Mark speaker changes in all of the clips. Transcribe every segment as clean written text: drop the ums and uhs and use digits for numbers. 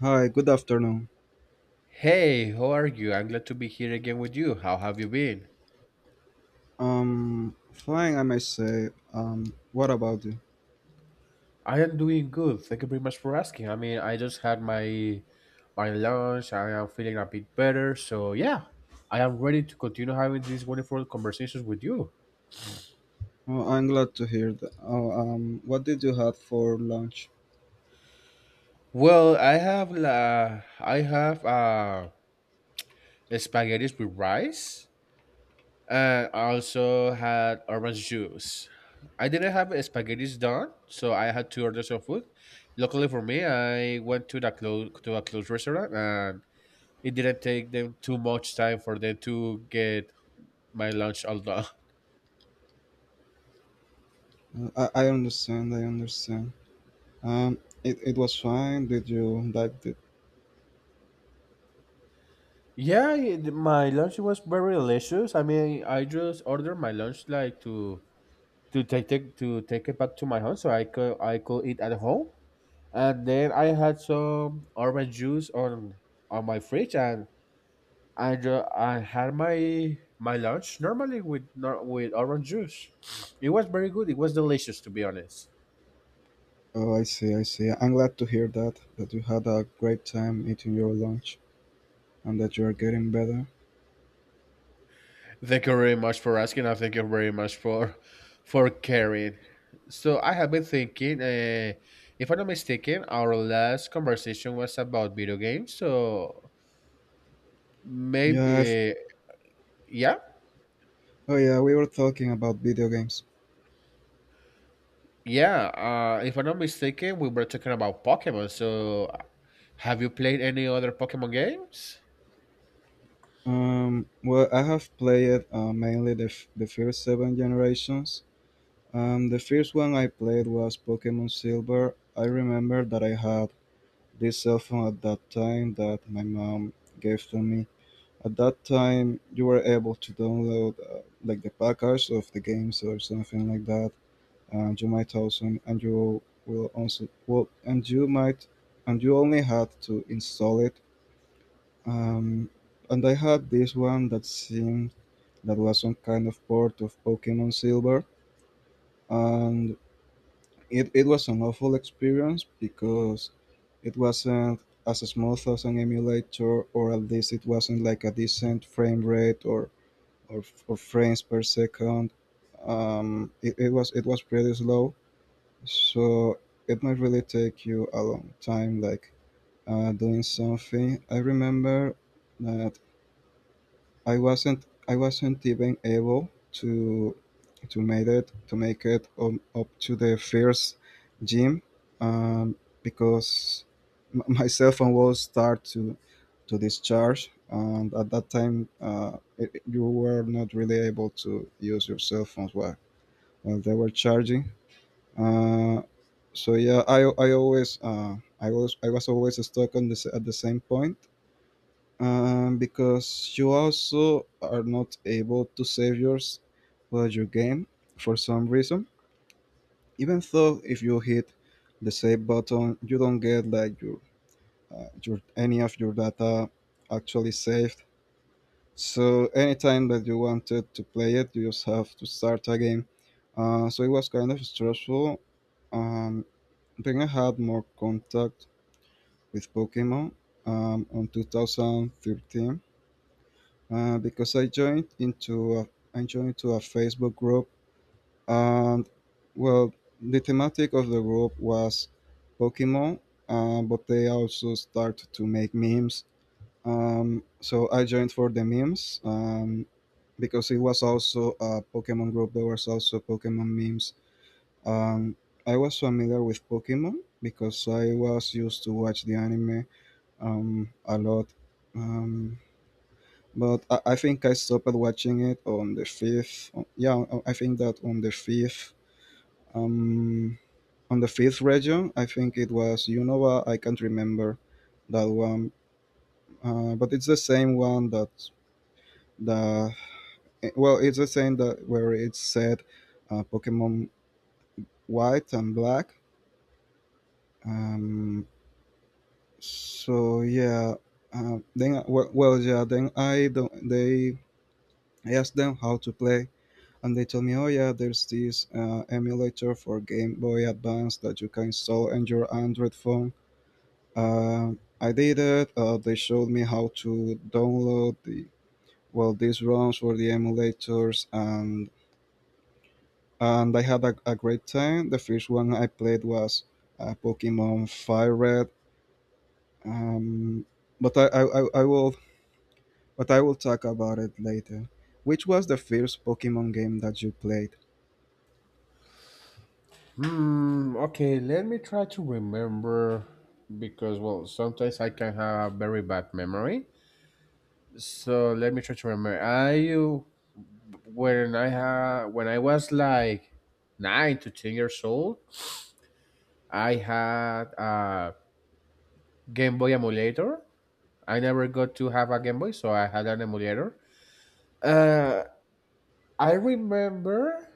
Speaker 1: Hi, good afternoon.
Speaker 2: Hey, how are you? I'm glad to be here again with you. How have you been?
Speaker 1: Fine, I may say. What about you?
Speaker 2: I am doing good. Thank you very much for asking. I mean, I just had my lunch. I am feeling a bit better. So yeah, I am ready to continue having these wonderful conversations with you.
Speaker 1: Oh, I'm glad to hear that. Oh, what did you have for lunch?
Speaker 2: Well, I have spaghetti with rice and I also had orange juice. I didn't have a spaghetti's done, so I had to order some food. Luckily for me, I went to the close to a close restaurant, and it didn't take them too much time for them to get my lunch all done.
Speaker 1: I understand, I understand. Um, it was fine. Did you like it?
Speaker 2: Yeah, my lunch was very delicious. I mean, I just ordered my lunch like to take, to take it back to my home, so I could eat at home. And then I had some orange juice on my fridge, and I had my lunch normally with nor- with orange juice. It was very good. It was delicious, to be honest.
Speaker 1: Oh, I see, I see. I'm glad to hear that, that you had a great time eating your lunch and that you are getting better.
Speaker 2: Thank you very much for asking. I thank you very much for caring. So I have been thinking. If I'm not mistaken, our last conversation was about video games. So maybe,
Speaker 1: Yeah, I've,
Speaker 2: yeah,
Speaker 1: oh yeah, we were talking about video games.
Speaker 2: yeah. If I'm not mistaken, we were talking about Pokemon. So have you played any other Pokemon games?
Speaker 1: I have played mainly the first seven generations. The first one I played was Pokemon Silver. I remember that I had this cell phone at that time that my mom gave to me. At that time, you were able to download like the package of the games or something like that, and you might also and you will also well and you might and you only had to install it. Um, and I had this one that seemed that was some kind of port of Pokemon Silver, and it was an awful experience because it wasn't as smooth as an emulator, or at least it wasn't like a decent frame rate, or, or frames per second. It was pretty slow, so it might really take you a long time, like, doing something. I remember that I wasn't even able to to make it up to the first gym, um, because my cell phone was start to discharge, and at that time you were not really able to use your cell phones while they were charging, uh, so yeah, I was always stuck on this at the same point, because you also are not able to save yours while you game for some reason. Even though if you hit the save button, you don't get like your any of your data actually saved. So anytime that you wanted to play it, you just have to start again. So it was kind of stressful. Um, then I had more contact with Pokemon on 2013, because I joined to a Facebook group, and well, the thematic of the group was Pokemon, but they also started to make memes. So I joined for the memes, because it was also a Pokemon group. There was also Pokemon memes. Um, I was familiar with Pokemon because I was used to watch the anime a lot. Um, but I think I stopped watching it on the fifth. On- Yeah, on- I think that um, on the fifth region. I think it was Unova. I can't remember that one, but it's the same one that the the same that where it said Pokemon White and Black. Um, so yeah, then well, well yeah, then I don't. They I asked them how to play, and they told me, oh yeah, there's this emulator for Game Boy Advance that you can install on your Android phone. I did it. They showed me how to download these ROMs for the emulators, and I had a great time. The first one I played was Pokemon Fire Red. Um, but I, I, I I will but I will talk about it later. Which was the first Pokemon game that you played?
Speaker 2: Hmm. Okay. Let me try to remember because well, sometimes I can have a very bad memory. So let me try to remember. I when I was like 9 to 10 years old, I had a Game Boy emulator. I never got to have a Game Boy, so I had an emulator. Uh, I remember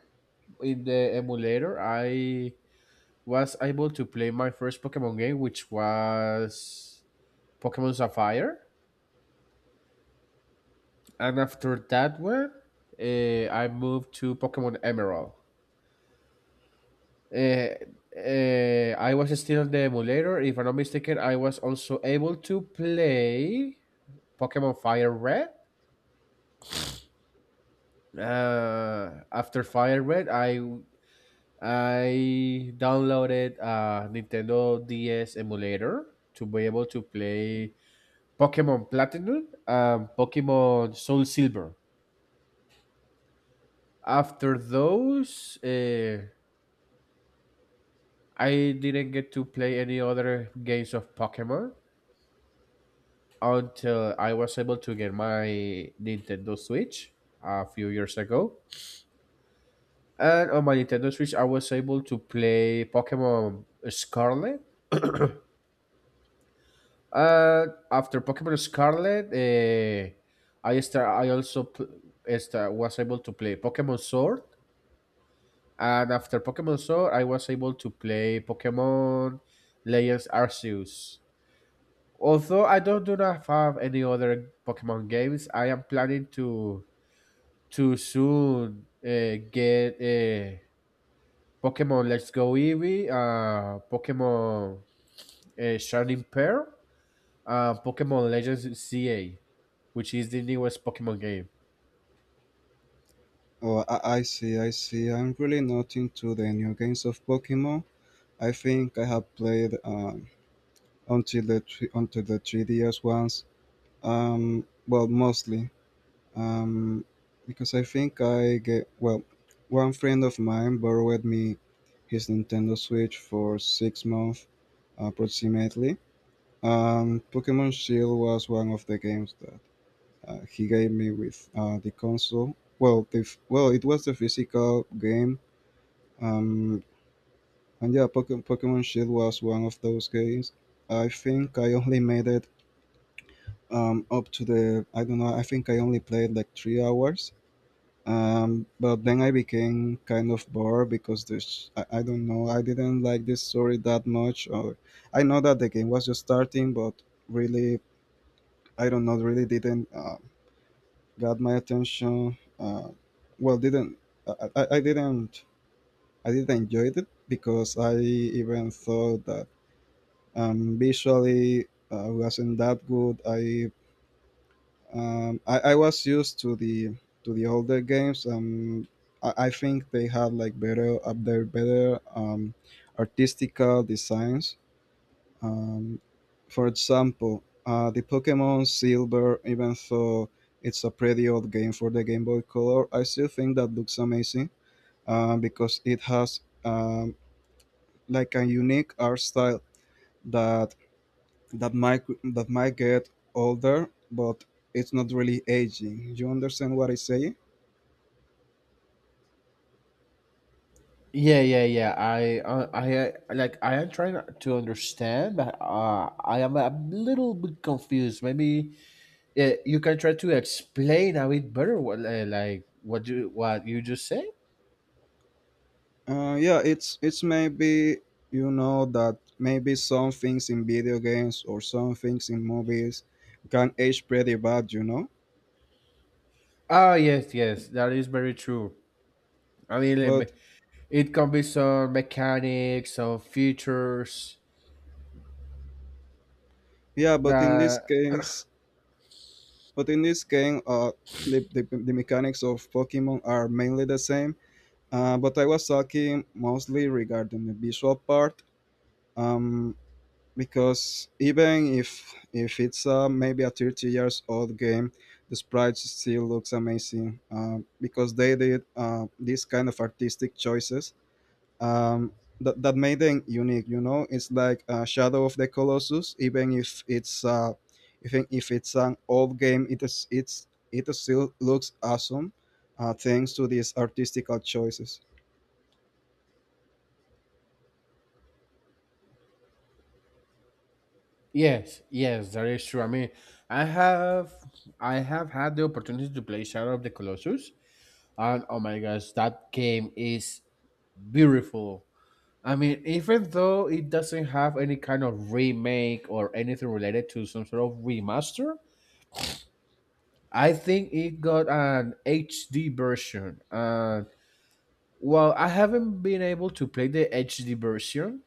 Speaker 2: in the emulator I was able to play my first Pokemon game, which was Pokemon Sapphire, and after that one, I moved to Pokemon Emerald. Uh, I was still on the emulator. If I'm not mistaken, I was also able to play Pokemon Fire Red. After Fire Red, I downloaded a Nintendo DS emulator to be able to play Pokemon Platinum and Pokemon Soul Silver. After those, I didn't get to play any other games of Pokemon until I was able to get my Nintendo Switch a few years ago. And on my Nintendo Switch, I was able to play Pokemon Scarlet. And after Pokemon Scarlet, I also was able to play Pokemon Sword. And after Pokemon Sword, I was able to play Pokemon Legends Arceus. Although I don't do not have any other Pokemon games, I am planning to soon get Pokemon Let's Go Eevee, Pokemon Shining Pearl, Pokemon Legends CA, which is the newest Pokemon game.
Speaker 1: Oh, I see, I see. I'm really not into the new games of Pokemon. I think I have played until the 3DS ones. Well, mostly um, because I think I get well. One friend of mine borrowed me his Nintendo Switch for 6 months, approximately. Pokemon Shield was one of the games that he gave me with the console. Well, it was the physical game. Um, and Yeah, Pokemon Shield was one of those games. I think I only made it I don't know, I think I only played like 3 hours. But then I became kind of bored because I don't know, I didn't like this story that much. Or I know that the game was just starting, but really, I don't know, really didn't got my attention. Well, didn't, I, I, I didn't, I didn't enjoy it because I even thought that, visually, wasn't that good. I was used to the older games. I think they had like better up there better, artistical designs. Um, for example, the Pokemon Silver, even though it's a pretty old game for the Game Boy Color, I still think that looks amazing, because it has, like a unique art style that that might that might get older, but it's not really aging. You understand what I say?
Speaker 2: Yeah, yeah, yeah. I am trying to understand, but I am a little bit confused. Maybe you can try to explain a bit better what eh, like what you just said.
Speaker 1: Yeah, it's maybe, you know, that maybe some things in video games or some things in movies can age pretty bad.
Speaker 2: Oh yes, yes, that is very true. I mean, eh, me-
Speaker 1: But
Speaker 2: it can be some mechanics, some features.
Speaker 1: yeah,
Speaker 2: That
Speaker 1: but in this game, the mechanics of Pokemon are mainly the same. But I was talking mostly regarding the visual part, um, because even if it's, maybe a 30 years old game, the sprites still looks amazing, because they did, these kind of artistic choices, um, that made them unique. You know, it's like, Shadow of the Colossus, even if it's an old game, it is it's it still looks awesome, thanks to these artistical choices.
Speaker 2: Yes, yes, that is true. I mean, I have I have had the opportunity to play Shadow of the Colossus, and oh my gosh, that game is beautiful. I mean, even though it doesn't have any kind of remake or anything related to some sort of remaster, I think it got an HD version. And while I haven't been able to play the HD version,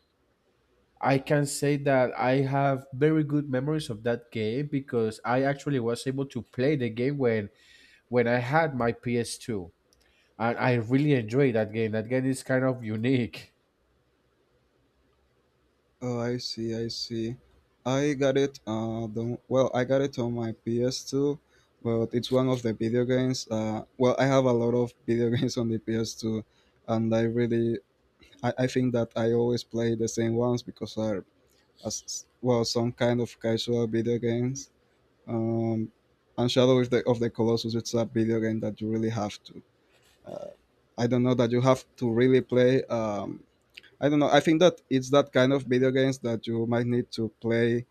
Speaker 2: I can say that I have very good memories of that game because I actually was able to play the game when I had my PS2. And I really enjoyed that game. That game is kind of unique.
Speaker 1: Oh, I see, I see. I got it. I got it on my PS2, but it's one of the video games. Well, I have a lot of video games on the PS2, and I think that I always play the same ones because are as well some kind of casual video games. Um, and Shadow of the Colossus, it's a video game that you really have to. Uh, I don't know that you have to really play. I don't know. I think that it's that kind of video games that you might need to play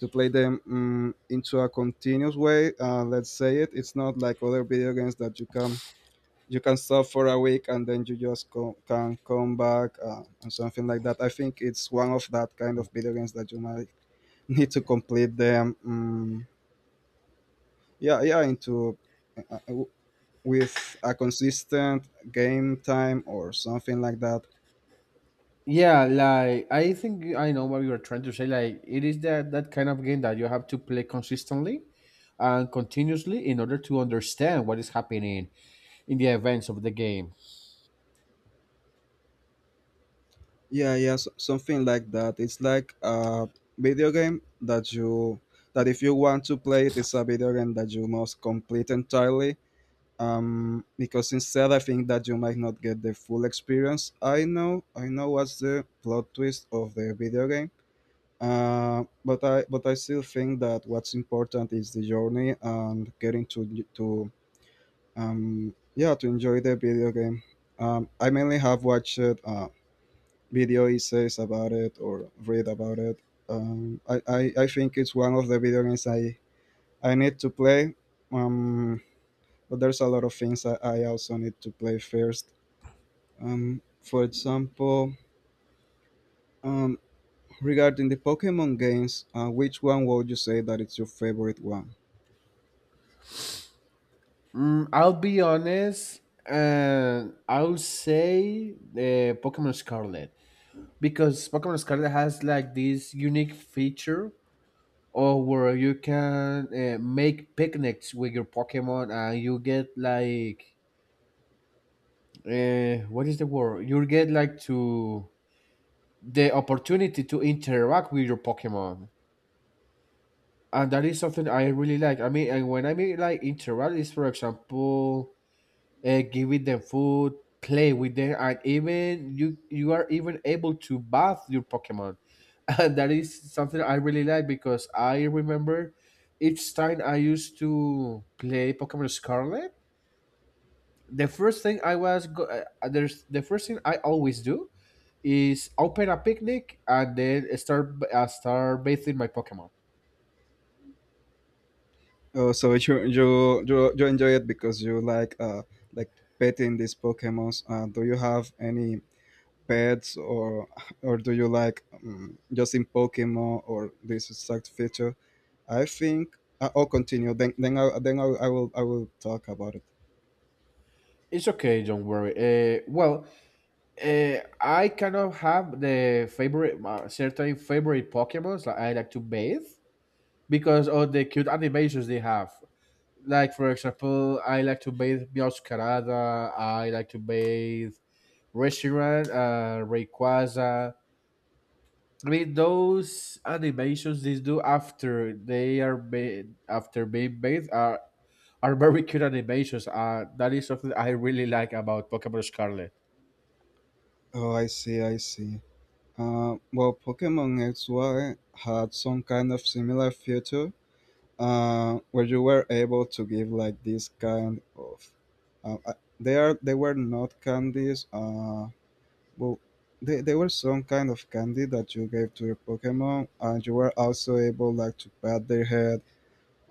Speaker 1: to play them, into a continuous way. Let's say it. It's not like other video games that you can stop for a week and then you just can come back, and something like that. I think it's one of that kind of video games that you might need to complete them. Mm, yeah, yeah, into, uh, uh, w- with a consistent game time or something like that.
Speaker 2: Yeah, like I think I know what you're trying to say. Like it is that kind of game that you have to play consistently and continuously in order to understand what is happening in the events of the game.
Speaker 1: Yeah, yeah, s something like that. It's like a video game that you that if you want to play it, it's a video game that you must complete entirely. Because instead, I think that you might not get the full experience. I know what's the plot twist of the video game. But I still think that what's important is the journey and getting to, um, yeah, to enjoy the video game. I mainly have watched, video essays about it or read about it. I think it's one of the video games I need to play. Um, but there's a lot of things I also need to play first. Um, for example, um, Regarding the Pokemon games, which one would you say that it's your favorite one?
Speaker 2: Mm, I'll be honest, and I'll say Pokemon Scarlet because Pokemon Scarlet has like this unique feature or where you can make picnics with your Pokemon and you get like what is the word? You get like to the opportunity to interact with your Pokemon, and that is something I really like. I mean, and when I mean like interact is, for example, giving them food, play with them, and even you are even able to bath your Pokemon, and that is something I really like because I remember each time I used to play Pokemon Scarlet. The first thing I always do is open a picnic and then start bathing my Pokemon.
Speaker 1: Oh, so you enjoy it because you like, uh, like, petting these Pokemons. Do you have any pets, or do you like, just in Pokemon or this exact feature? I'll continue. Then I will talk about it.
Speaker 2: It's okay, don't worry. Well, I kind of have the favorite certain favorite Pokemons that I like to bathe because of the cute animations they have. Like, for example, I like to bathe Meowscarada. I like to bathe Reshiram, Rayquaza. I mean, those animations they do after they are after being bathed are very cute animations. That is something I really like about Pokemon Scarlet.
Speaker 1: Oh, I see, I see. Well, Pokemon XY had some kind of similar feature, where you were able to give like this kind of. Uh, uh, they are they were not candies. Well, they were some kind of candy that you gave to your Pokemon, and you were also able like to pat their head,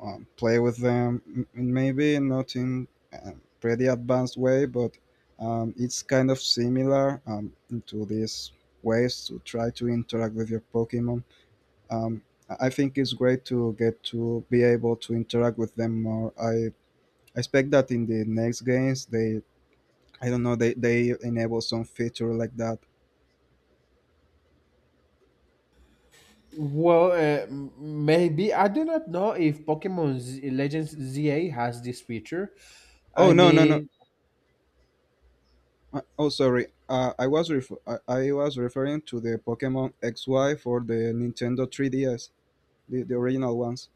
Speaker 1: play with them in, maybe not in a pretty advanced way, but, it's kind of similar, into these ways to try to interact with your Pokemon. Um, I think it's great to get to be able to interact with them more. I expect that in the next games they I don't know, they enable some feature like that.
Speaker 2: Well, maybe I do not know if Legends ZA has this feature. I
Speaker 1: Oh no no no!
Speaker 2: mean,
Speaker 1: Oh sorry, I was referring to the Pokemon XY for the Nintendo 3DS. The original ones.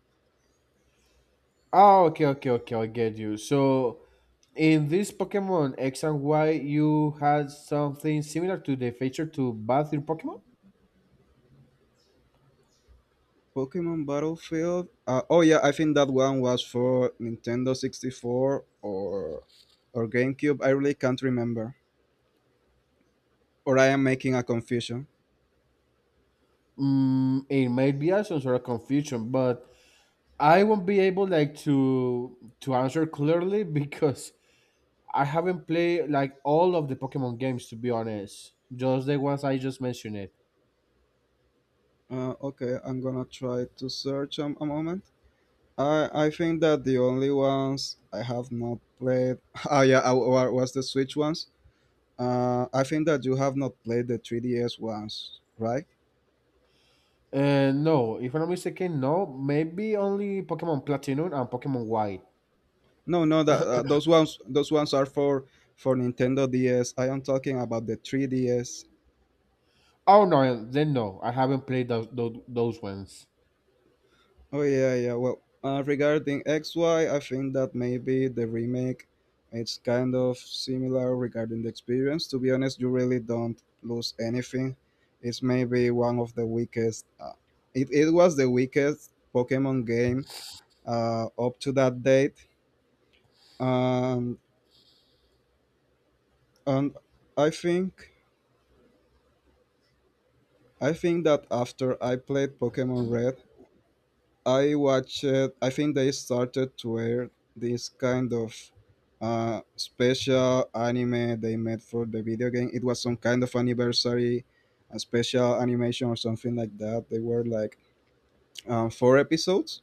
Speaker 2: oh, okay, okay, okay, I get you. So in this Pokemon X and Y, you had something similar to the feature to bathe your Pokemon.
Speaker 1: Pokemon Battlefield. Oh yeah, I think that one was for Nintendo 64 or GameCube. I really can't remember. Or I am making a confusion.
Speaker 2: Mm, it might be a some sort of confusion, but I won't be able to answer clearly because I haven't played like all of the Pokemon games, to be honest. Just the ones I just mentioned it.
Speaker 1: Okay, I'm gonna try to search a moment. I think that the only ones I have not played. Oh yeah, was the Switch ones. I think that you have not played the 3DS ones, right?
Speaker 2: No, if I'm not mistaken, no. Maybe only Pokemon Platinum and Pokemon White.
Speaker 1: No, no, that those ones are for Nintendo DS. I am talking about the 3DS.
Speaker 2: Oh no, then no. I haven't played those ones.
Speaker 1: Oh yeah, yeah. Well, regarding XY, I think that maybe the remake it's kind of similar regarding the experience. To be honest, you really don't lose anything. It's maybe one of the weakest. It was the weakest Pokemon game up to that date. Um, and I think I think that after I played Pokemon Red, I watched. I think they started to air this kind of special anime they made for the video game. It was some kind of anniversary, a special animation or something like that. They were like four episodes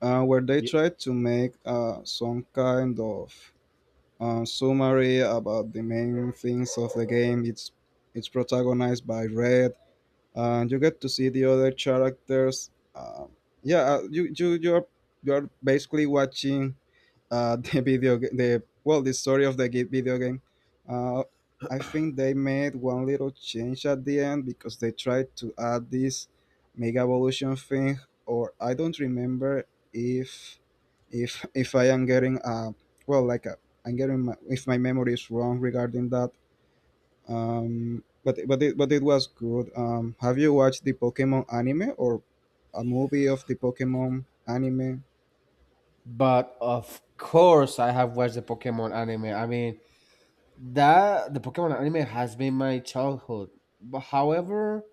Speaker 1: where they
Speaker 2: Ye-
Speaker 1: tried to make some kind of summary about the main things of the game. It's protagonized by Red and you get to see the other characters. Uh, yeah, you're you're basically watching the story of the video game. Uh, I think they made one little change at the end because they tried to add this Mega Evolution thing, or I don't remember if if I am getting well I'm getting if my memory is wrong regarding that. But it was good. Have you watched the Pokemon anime or a movie of the Pokemon anime?
Speaker 2: But of course I have watched the Pokemon anime. I mean, That the Pokemon anime has been my childhood. But however,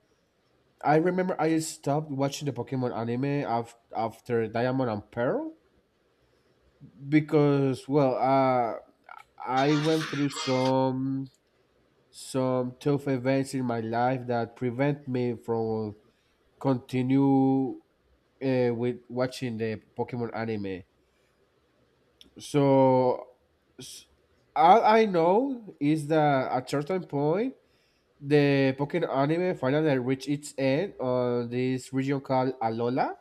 Speaker 2: I remember I stopped watching the Pokemon anime after Diamond and Pearl because well, I went through some tough events in my life that prevent me from continue with watching the Pokemon anime. So s- all I know is that at certain point the Pokemon anime finally reached its end on this region called Alola,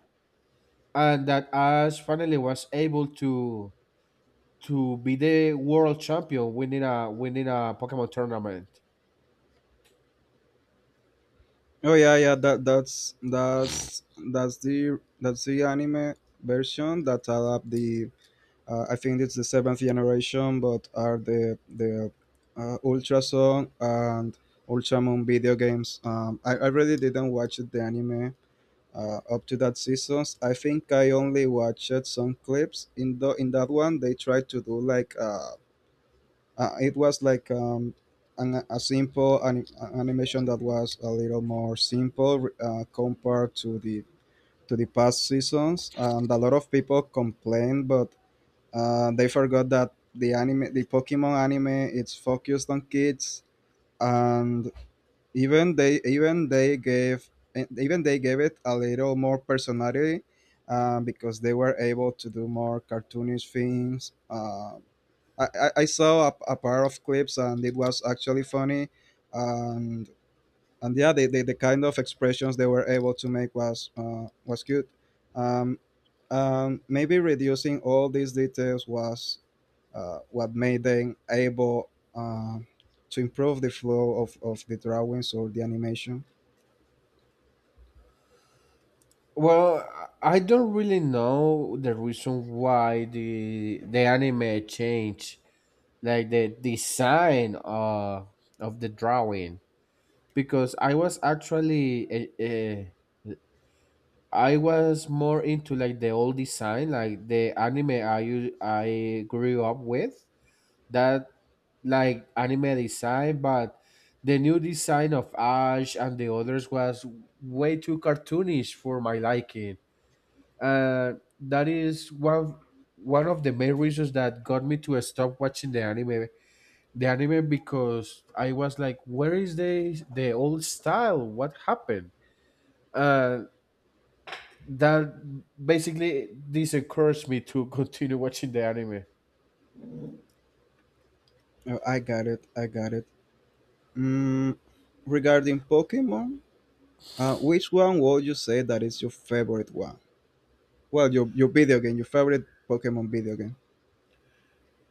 Speaker 2: and that Ash finally was able to be the world champion, winning a Pokemon tournament.
Speaker 1: oh yeah yeah that that's that's that's the anime version that adapt the I think it's the seventh generation but are the ultra sun and ultra moon video games. I really didn't watch the anime up to that seasons. I think I only watched some clips in the in that one. They tried to do like it was like a simple animation that was a little more simple compared to the past seasons, and a lot of people complained, but they forgot that the anime, the Pokemon anime, it's focused on kids and even they gave it a little more personality because they were able to do more cartoonish things. I saw a pair of clips and it was actually funny, and yeah, the kind of expressions they were able to make was cute. Um, Maybe reducing all these details was what made them able to improve the flow of the drawings or the animation.
Speaker 2: Well, I don't really know the reason why the anime changed, like the design of the drawing, because I was actually I was more into like the old design, like the anime I grew up with. That Like anime design, but the new design of Ash and the others was way too cartoonish for my liking. Uh, that is one of the main reasons that got me to stop watching the anime. Because I was like, where is the old style? What happened? Uh, That basically discouraged me to continue watching the anime.
Speaker 1: Oh, I got it. I got it. Mm, regarding Pokemon, which one would you say that is your favorite one? Well, your video game, your favorite Pokemon video game.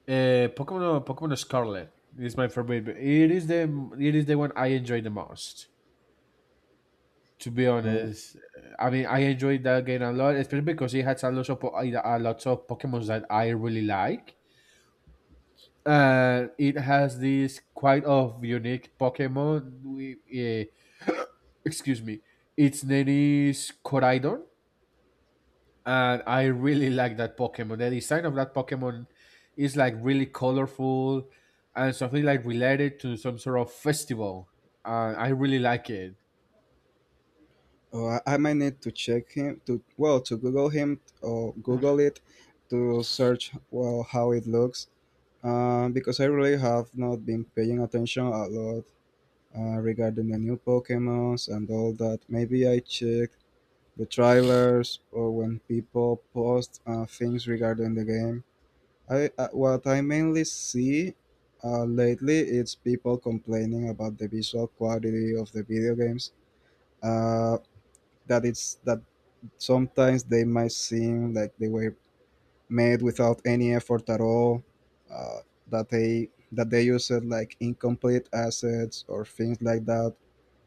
Speaker 2: Pokemon Scarlet is my favorite. It is the one I enjoy the most. To be
Speaker 1: Oh,
Speaker 2: honest, I mean I enjoyed that game a lot, especially because it has a lot of Pokemon that I really like. And it has this quite of unique Pokemon. Excuse me, its name is Coridon, and I really like that Pokemon. The design of that Pokemon is like really colorful and something like related to some sort of festival. I really like it.
Speaker 1: oh, I might need to check him to well to Google him or Google it to search well how it looks. Because I really have not been paying attention a lot regarding the new Pokemons and all that. Maybe I check the trailers or when people post things regarding the game. I What I mainly see lately is people complaining about the visual quality of the video games. Uh, that it's that sometimes they might seem like they were made without any effort at all. Uh, that they use it like incomplete assets or things like that.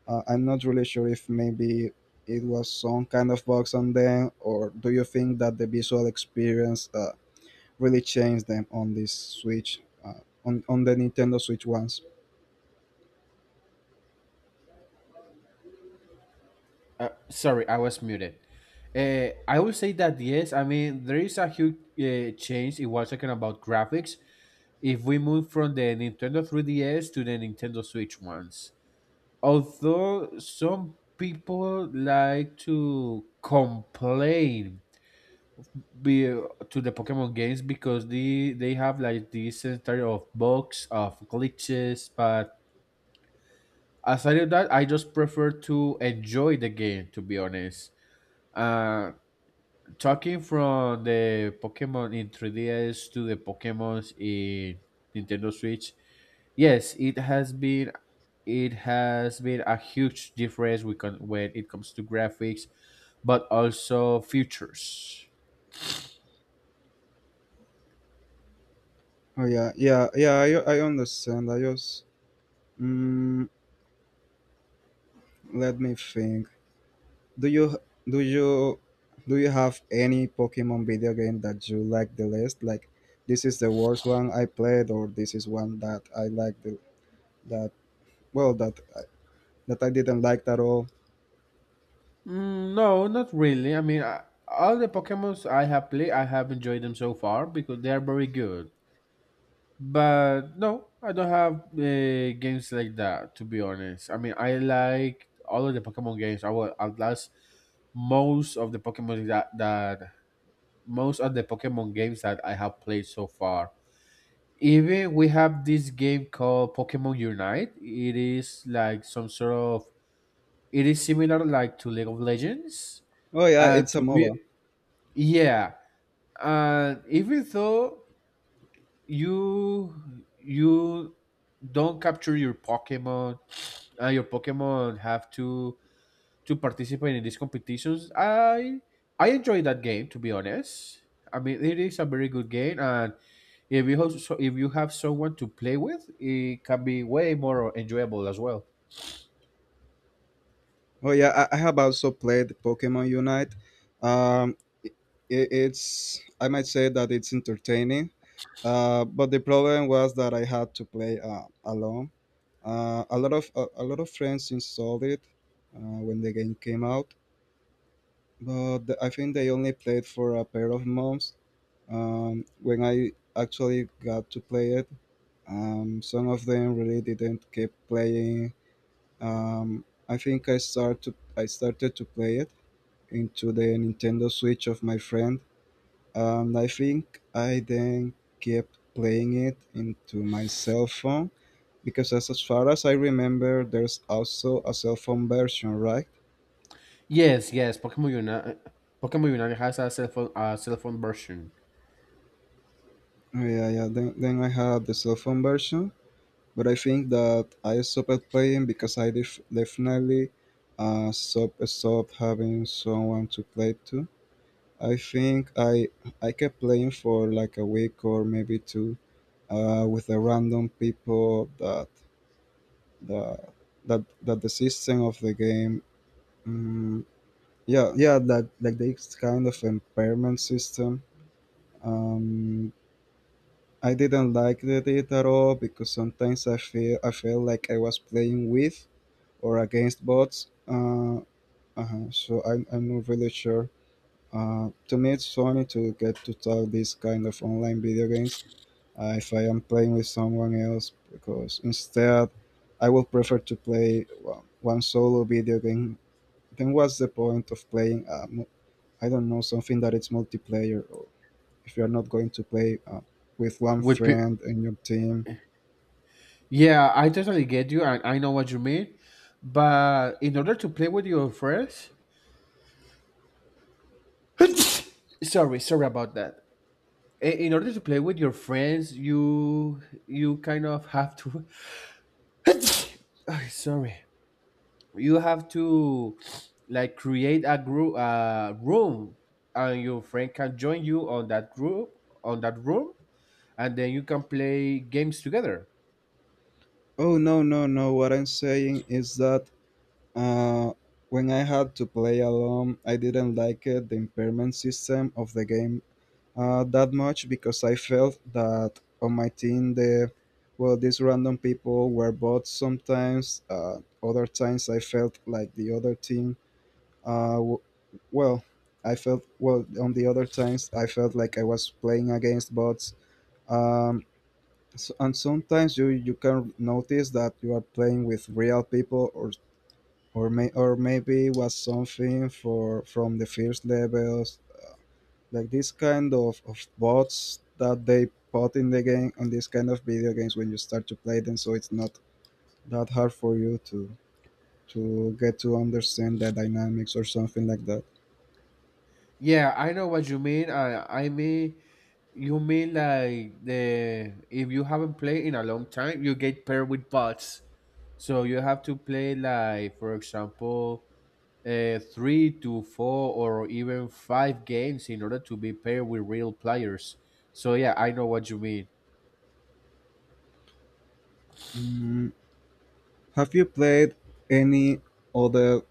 Speaker 1: I'm not really sure if maybe it was some kind of box on them, or do you think that the visual experience really changed them on this Switch, on the Nintendo Switch ones?
Speaker 2: Sorry, I was muted. I would say that yes. I mean, there is a huge change. It was talking about graphics. If we move from the Nintendo 3DS to the Nintendo Switch ones, although some people like to complain be to the Pokemon games because they have like this inventory of bugs of glitches. But aside of that, I just prefer to enjoy the game, to be honest. Uh, Talking from the Pokemon in 3DS to the Pokemons in Nintendo Switch, yes, it has been a huge difference when it comes to graphics, but also features.
Speaker 1: Oh yeah, yeah, yeah. I understand. I just mm, let me think. Do you do you do you have any Pokemon video game that you like the least? Like this is the worst one I played, or this is one that I like the that well that I didn't like at all.
Speaker 2: Mm, no, not really. I mean, I, all the Pokemons I have played, I have enjoyed them so far because they are very good. But no, I don't have games like that, to be honest. I mean, I like all of the Pokemon games. I will outlast most of the Pokemon that, that most of the Pokemon games that I have played so far. Even we have this game called Pokemon Unite. It is like some sort of it is similar like to League of Legends.
Speaker 1: Oh yeah,
Speaker 2: And
Speaker 1: it's a
Speaker 2: to be
Speaker 1: MOBA.
Speaker 2: Yeah, and even though you you don't capture your Pokemon, and your Pokemon have to participate in these competitions. I enjoy that game, to be honest. I mean, it is a very good game, and if you have, so if you have someone to play with, it can be way more enjoyable as well.
Speaker 1: Oh yeah, I have also played Pokemon Unite. Um, I it's I might say that it's entertaining. But the problem was that I had to play alone. A lot of a lot of friends installed it when the game came out, but I think they only played for a pair of months. When I actually got to play it, some of them really didn't keep playing. I think I started to play it into the Nintendo Switch of my friend, and I think I then kept playing it into my cell phone because as far as I remember, there's also a cell phone version, right?
Speaker 2: Yes, yes, Pokemon Unite, Pokemon Unite has a cell phone version.
Speaker 1: Oh, yeah, yeah. Then I had the cell phone version, but I think that I stopped playing because I definitely stop stop having someone to play to. I think I kept playing for like a week or maybe two with the random people that the that that the system of the game. Um, yeah, yeah, that like this kind of impairment system. Um, I didn't like the it at all because sometimes I felt like I was playing with or against bots. So I'm not really sure. To me, it's funny to get to talk these kind of online video games if I am playing with someone else because instead I would prefer to play one solo video game. Then what's the point of playing? I don't know something that it's multiplayer or if you are not going to play with one
Speaker 2: with pe-
Speaker 1: friend in your team.
Speaker 2: Yeah, I totally get you, and I know what you mean. But in order to play with your friends, sorry, sorry about that. In order to play with your friends, you kind of have to. Ay, sorry, you have to, like, create a group, a room, and your friend can join you on that group, on that room, and then you can play games together.
Speaker 1: Oh no no no! What I'm saying is that uh, when I had to play alone, I didn't like it, the impairment system of the game that much because I felt that on my team the well these random people were bots sometimes. Other times I felt like the other team. Uh, w- well, I felt well on the other times I felt like I was playing against bots. Um, so, and sometimes you can notice that you are playing with real people or may or maybe was something for from the first levels like this kind of bots that they put in the game on this kind of video games when you start to play them so it's not that hard for you to get to understand the dynamics or something like that.
Speaker 2: Yeah, I know what you mean. I mean, you mean like, the if you haven't played in a long time, you get paired with bots. So you have to play, like, for example, three to four or even five games in order to be paired with real players. So yeah, I know what you mean.
Speaker 1: Mm, have you played any other?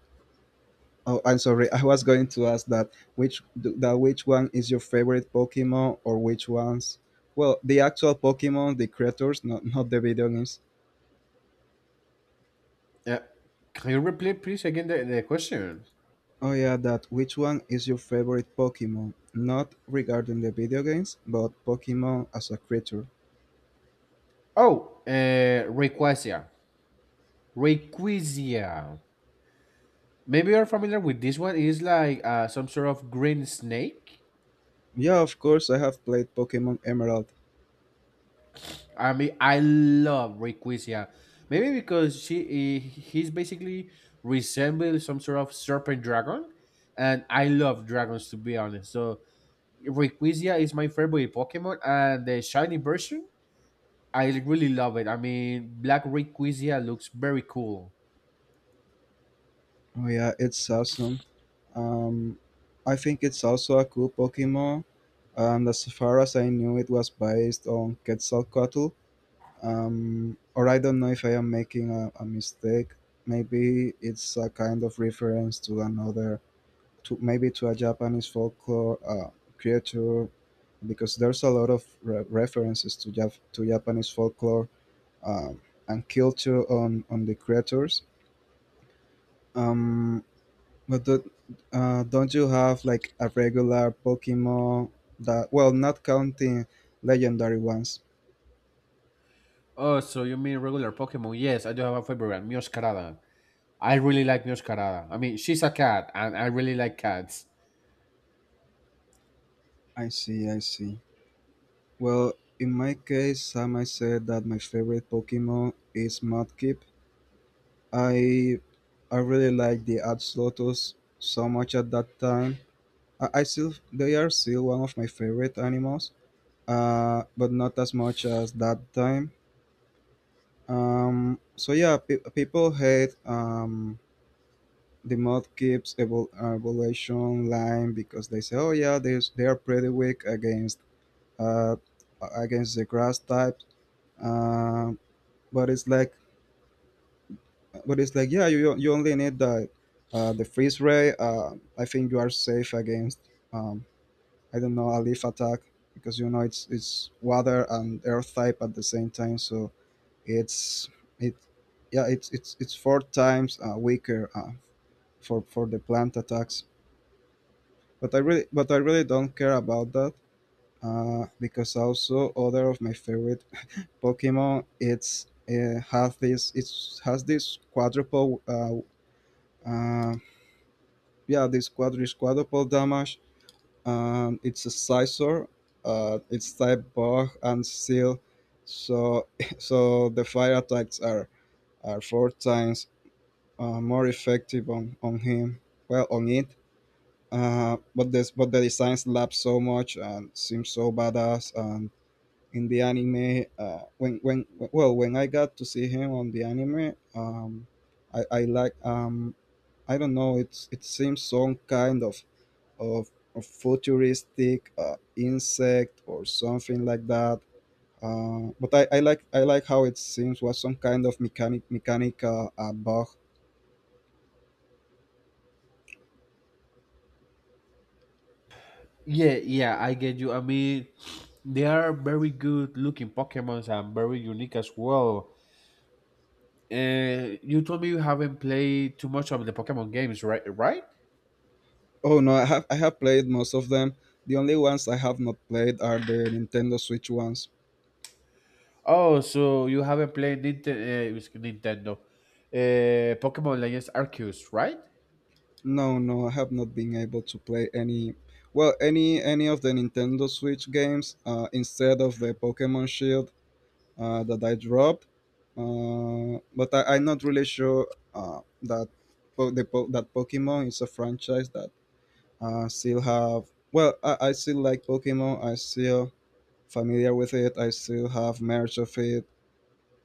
Speaker 1: Oh, I'm sorry, I was going to ask that which one is your favorite Pokemon or which ones? Well, the actual Pokemon, the creators, not the video games.
Speaker 2: Uh, can you repeat please again the question?
Speaker 1: Oh yeah, that which one is your favorite Pokemon? Not regarding the video games, but Pokemon as a creature.
Speaker 2: Oh, Rayquaza. Rayquaza. Maybe you're familiar with this one. It's like some sort of green snake.
Speaker 1: Yeah, of course, I have played Pokemon Emerald.
Speaker 2: I mean, I love Rayquaza. Maybe because he's basically resembles some sort of serpent dragon, and I love dragons to be honest. So Rayquaza is my favorite Pokemon, and the shiny version I really love it. I mean, Black Rayquaza looks very cool.
Speaker 1: Oh yeah, it's awesome. Um, I think it's also a cool Pokemon, and as far as I knew, it was based on Quetzalcoatl. Or I don't know if I am making a mistake. Maybe it's a kind of reference to another to maybe to a Japanese folklore creature because there's a lot of references to to Japanese folklore um, and culture on the creatures. Um, but the, don't you have like a regular Pokemon that well, not counting legendary ones?
Speaker 2: Oh, so you mean regular Pokemon? Yes, I do have a favorite, Mioscarada. I really like Mioscarada. I mean, she's a cat, and I really like cats.
Speaker 1: I see, I see. Well, in my case, I might say that my favorite Pokemon is Mudkip. I I really like the Ad Slotos so much at that time. I still they are still one of my favorite animals, but not as much as that time. So yeah, people hate the Mudkip's evolution line because they say, oh yeah, they are pretty weak against uh, against the grass type. Um, but it's like but it's like yeah you only need the freeze ray I think you are safe against um, I don't know a leaf attack because you know it's water and earth type at the same time so it's it yeah it's four times weaker for the plant attacks but I really don't care about that because also other of my favorite Pokemon it's has this quadruple uh, yeah, this quadri is quadruple damage, and it's a scissor. It's type bug and steel, so so the fire attacks are four times more effective on him. Well, on it. But the design slaps so much and seems so badass. And in the anime, when I got to see him on the anime, I like I don't know. It seems some kind of a futuristic insect or something like that. But I like how it seems was some kind of mechanical bug.
Speaker 2: Yeah, yeah, I get you. I mean, they are very good looking Pokemons and very unique as well. You told me you haven't played too much of the Pokemon games, right? Right?
Speaker 1: Oh no, I have played most of them. The only ones I have not played are the Nintendo Switch ones.
Speaker 2: Oh, so you haven't played Nintendo, it's Nintendo, Pokemon Legends Arceus, right?
Speaker 1: No, no, I have not been able to play any, well, any of the Nintendo Switch games instead of the Pokemon Shield that I dropped, but I'm not really sure that that Pokemon is a franchise that still have. Well, I still like Pokemon. I still familiar with it. I still have merch of it.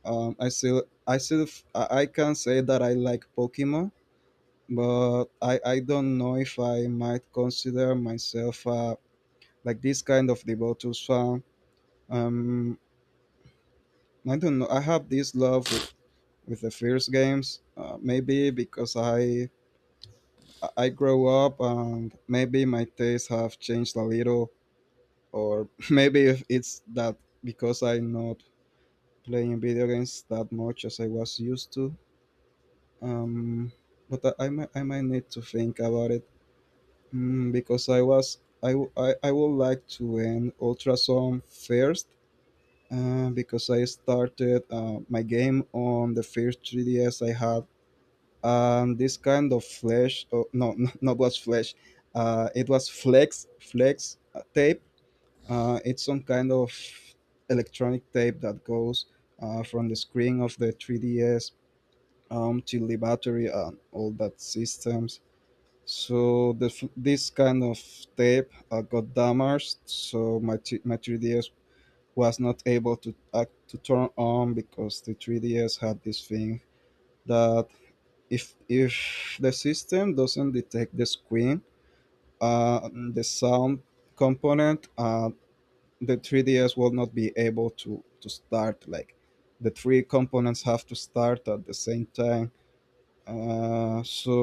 Speaker 1: I still I can say that I like Pokemon, but I don't know if I might consider myself like this kind of Devotus fan. Um, I don't know. I have this love with the first games. Maybe because I grow up and maybe my tastes have changed a little, or maybe if it's that because I'm not playing video games that much as I was used to. Um, but I might need to think about it, because I was I, w- I would like to end Ultrasound first because I started my game on the first 3DS I had, um, this kind of flesh. Oh, no, no, not was flesh, it was flex tape. Uh it's some kind of electronic tape that goes from the screen of the 3DS, to the battery and all that systems, so this kind of tape got damaged, so my 3DS was not able to act to turn on, because the 3DS had this thing that, if the system doesn't detect the screen, the sound component, the 3DS will not be able to start. Like, the three components have to start at the same time, so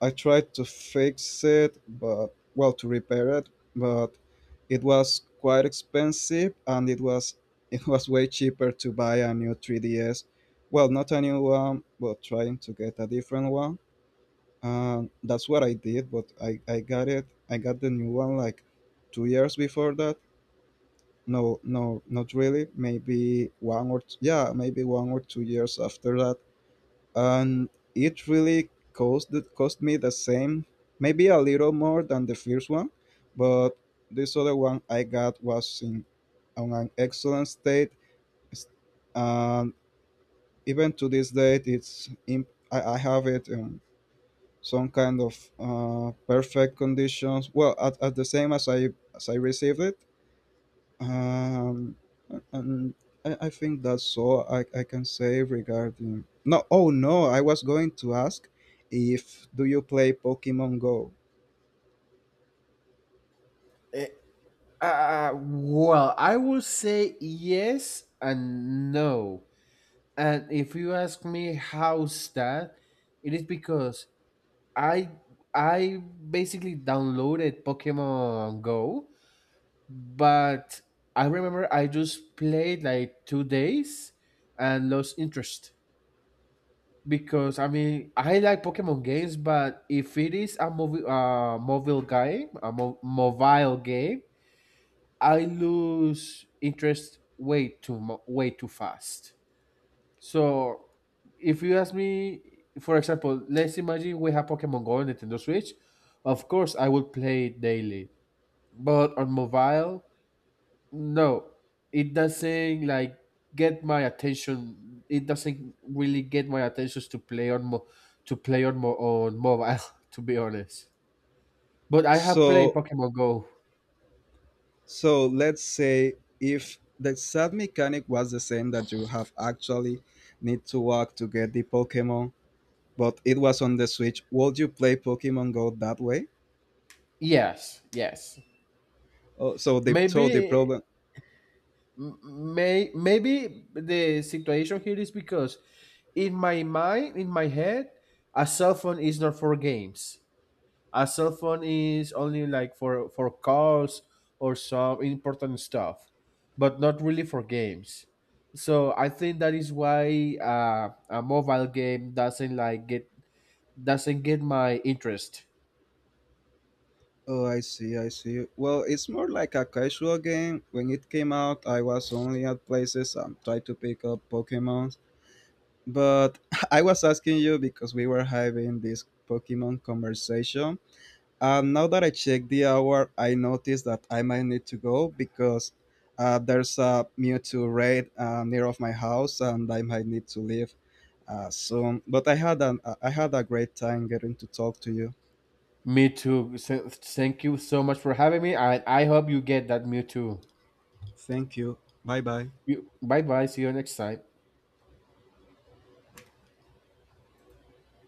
Speaker 1: I tried to fix it, but, well, to repair it, but it was quite expensive and it was it was way cheaper to buy a new 3DS. Well, not a new one, but trying to get a different one, and that's what I did. But I got it. I got the new one like 2 years before that. No, no, not really. Maybe yeah, maybe 1 or 2 years after that, and it really cost me the same, maybe a little more than the first one, but this other one I got was in on an excellent state. It's- and even to this date, I have it. Some kind of perfect conditions. Well, at the same as I received it, um, and I think that's all I can say regarding. No, oh no, I was going to ask if do you play Pokemon Go?
Speaker 2: Uh, well, I will say yes and no. And if you ask me how's that, it is because I I basically downloaded Pokemon Go, but I remember I just played like 2 days and lost interest because I mean I like Pokemon games, but if it is a movie mobile game, mobile game, I lose interest way too fast. So if you ask me, for example, let's imagine we have Pokemon Go on Nintendo Switch. Of course, I will play it daily. But on mobile, no, it doesn't like get my attention. It doesn't really get my attention to play on mobile. To be honest, but I have played
Speaker 1: So
Speaker 2: Pokemon Go.
Speaker 1: so let's say, if the sad mechanic was the same that you have, actually need to walk to get the Pokemon, but it was on the Switch. Would you play Pokemon Go that way?
Speaker 2: Yes, yes.
Speaker 1: So the
Speaker 2: Maybe
Speaker 1: problem.
Speaker 2: M- May maybe the situation here is because in my mind, in my head, a cell phone is not for games. A cell phone is only like for calls or some important stuff, but not really for games. So I think that is why a mobile game doesn't get my interest.
Speaker 1: Oh, I see, I see. Well, it's more like a casual game. When it came out, I was only at places and tried to pick up Pokemons. But I was asking you because we were having this Pokemon conversation. And now that I checked the hour, I noticed that I might need to go because there's a Mewtwo raid near of my house, and I might need to leave soon. But I had a great time getting to talk to you.
Speaker 2: Me too. So, thank you so much for having me. I hope you get that me too.
Speaker 1: Thank you. Bye bye.
Speaker 2: You bye bye. See you next time.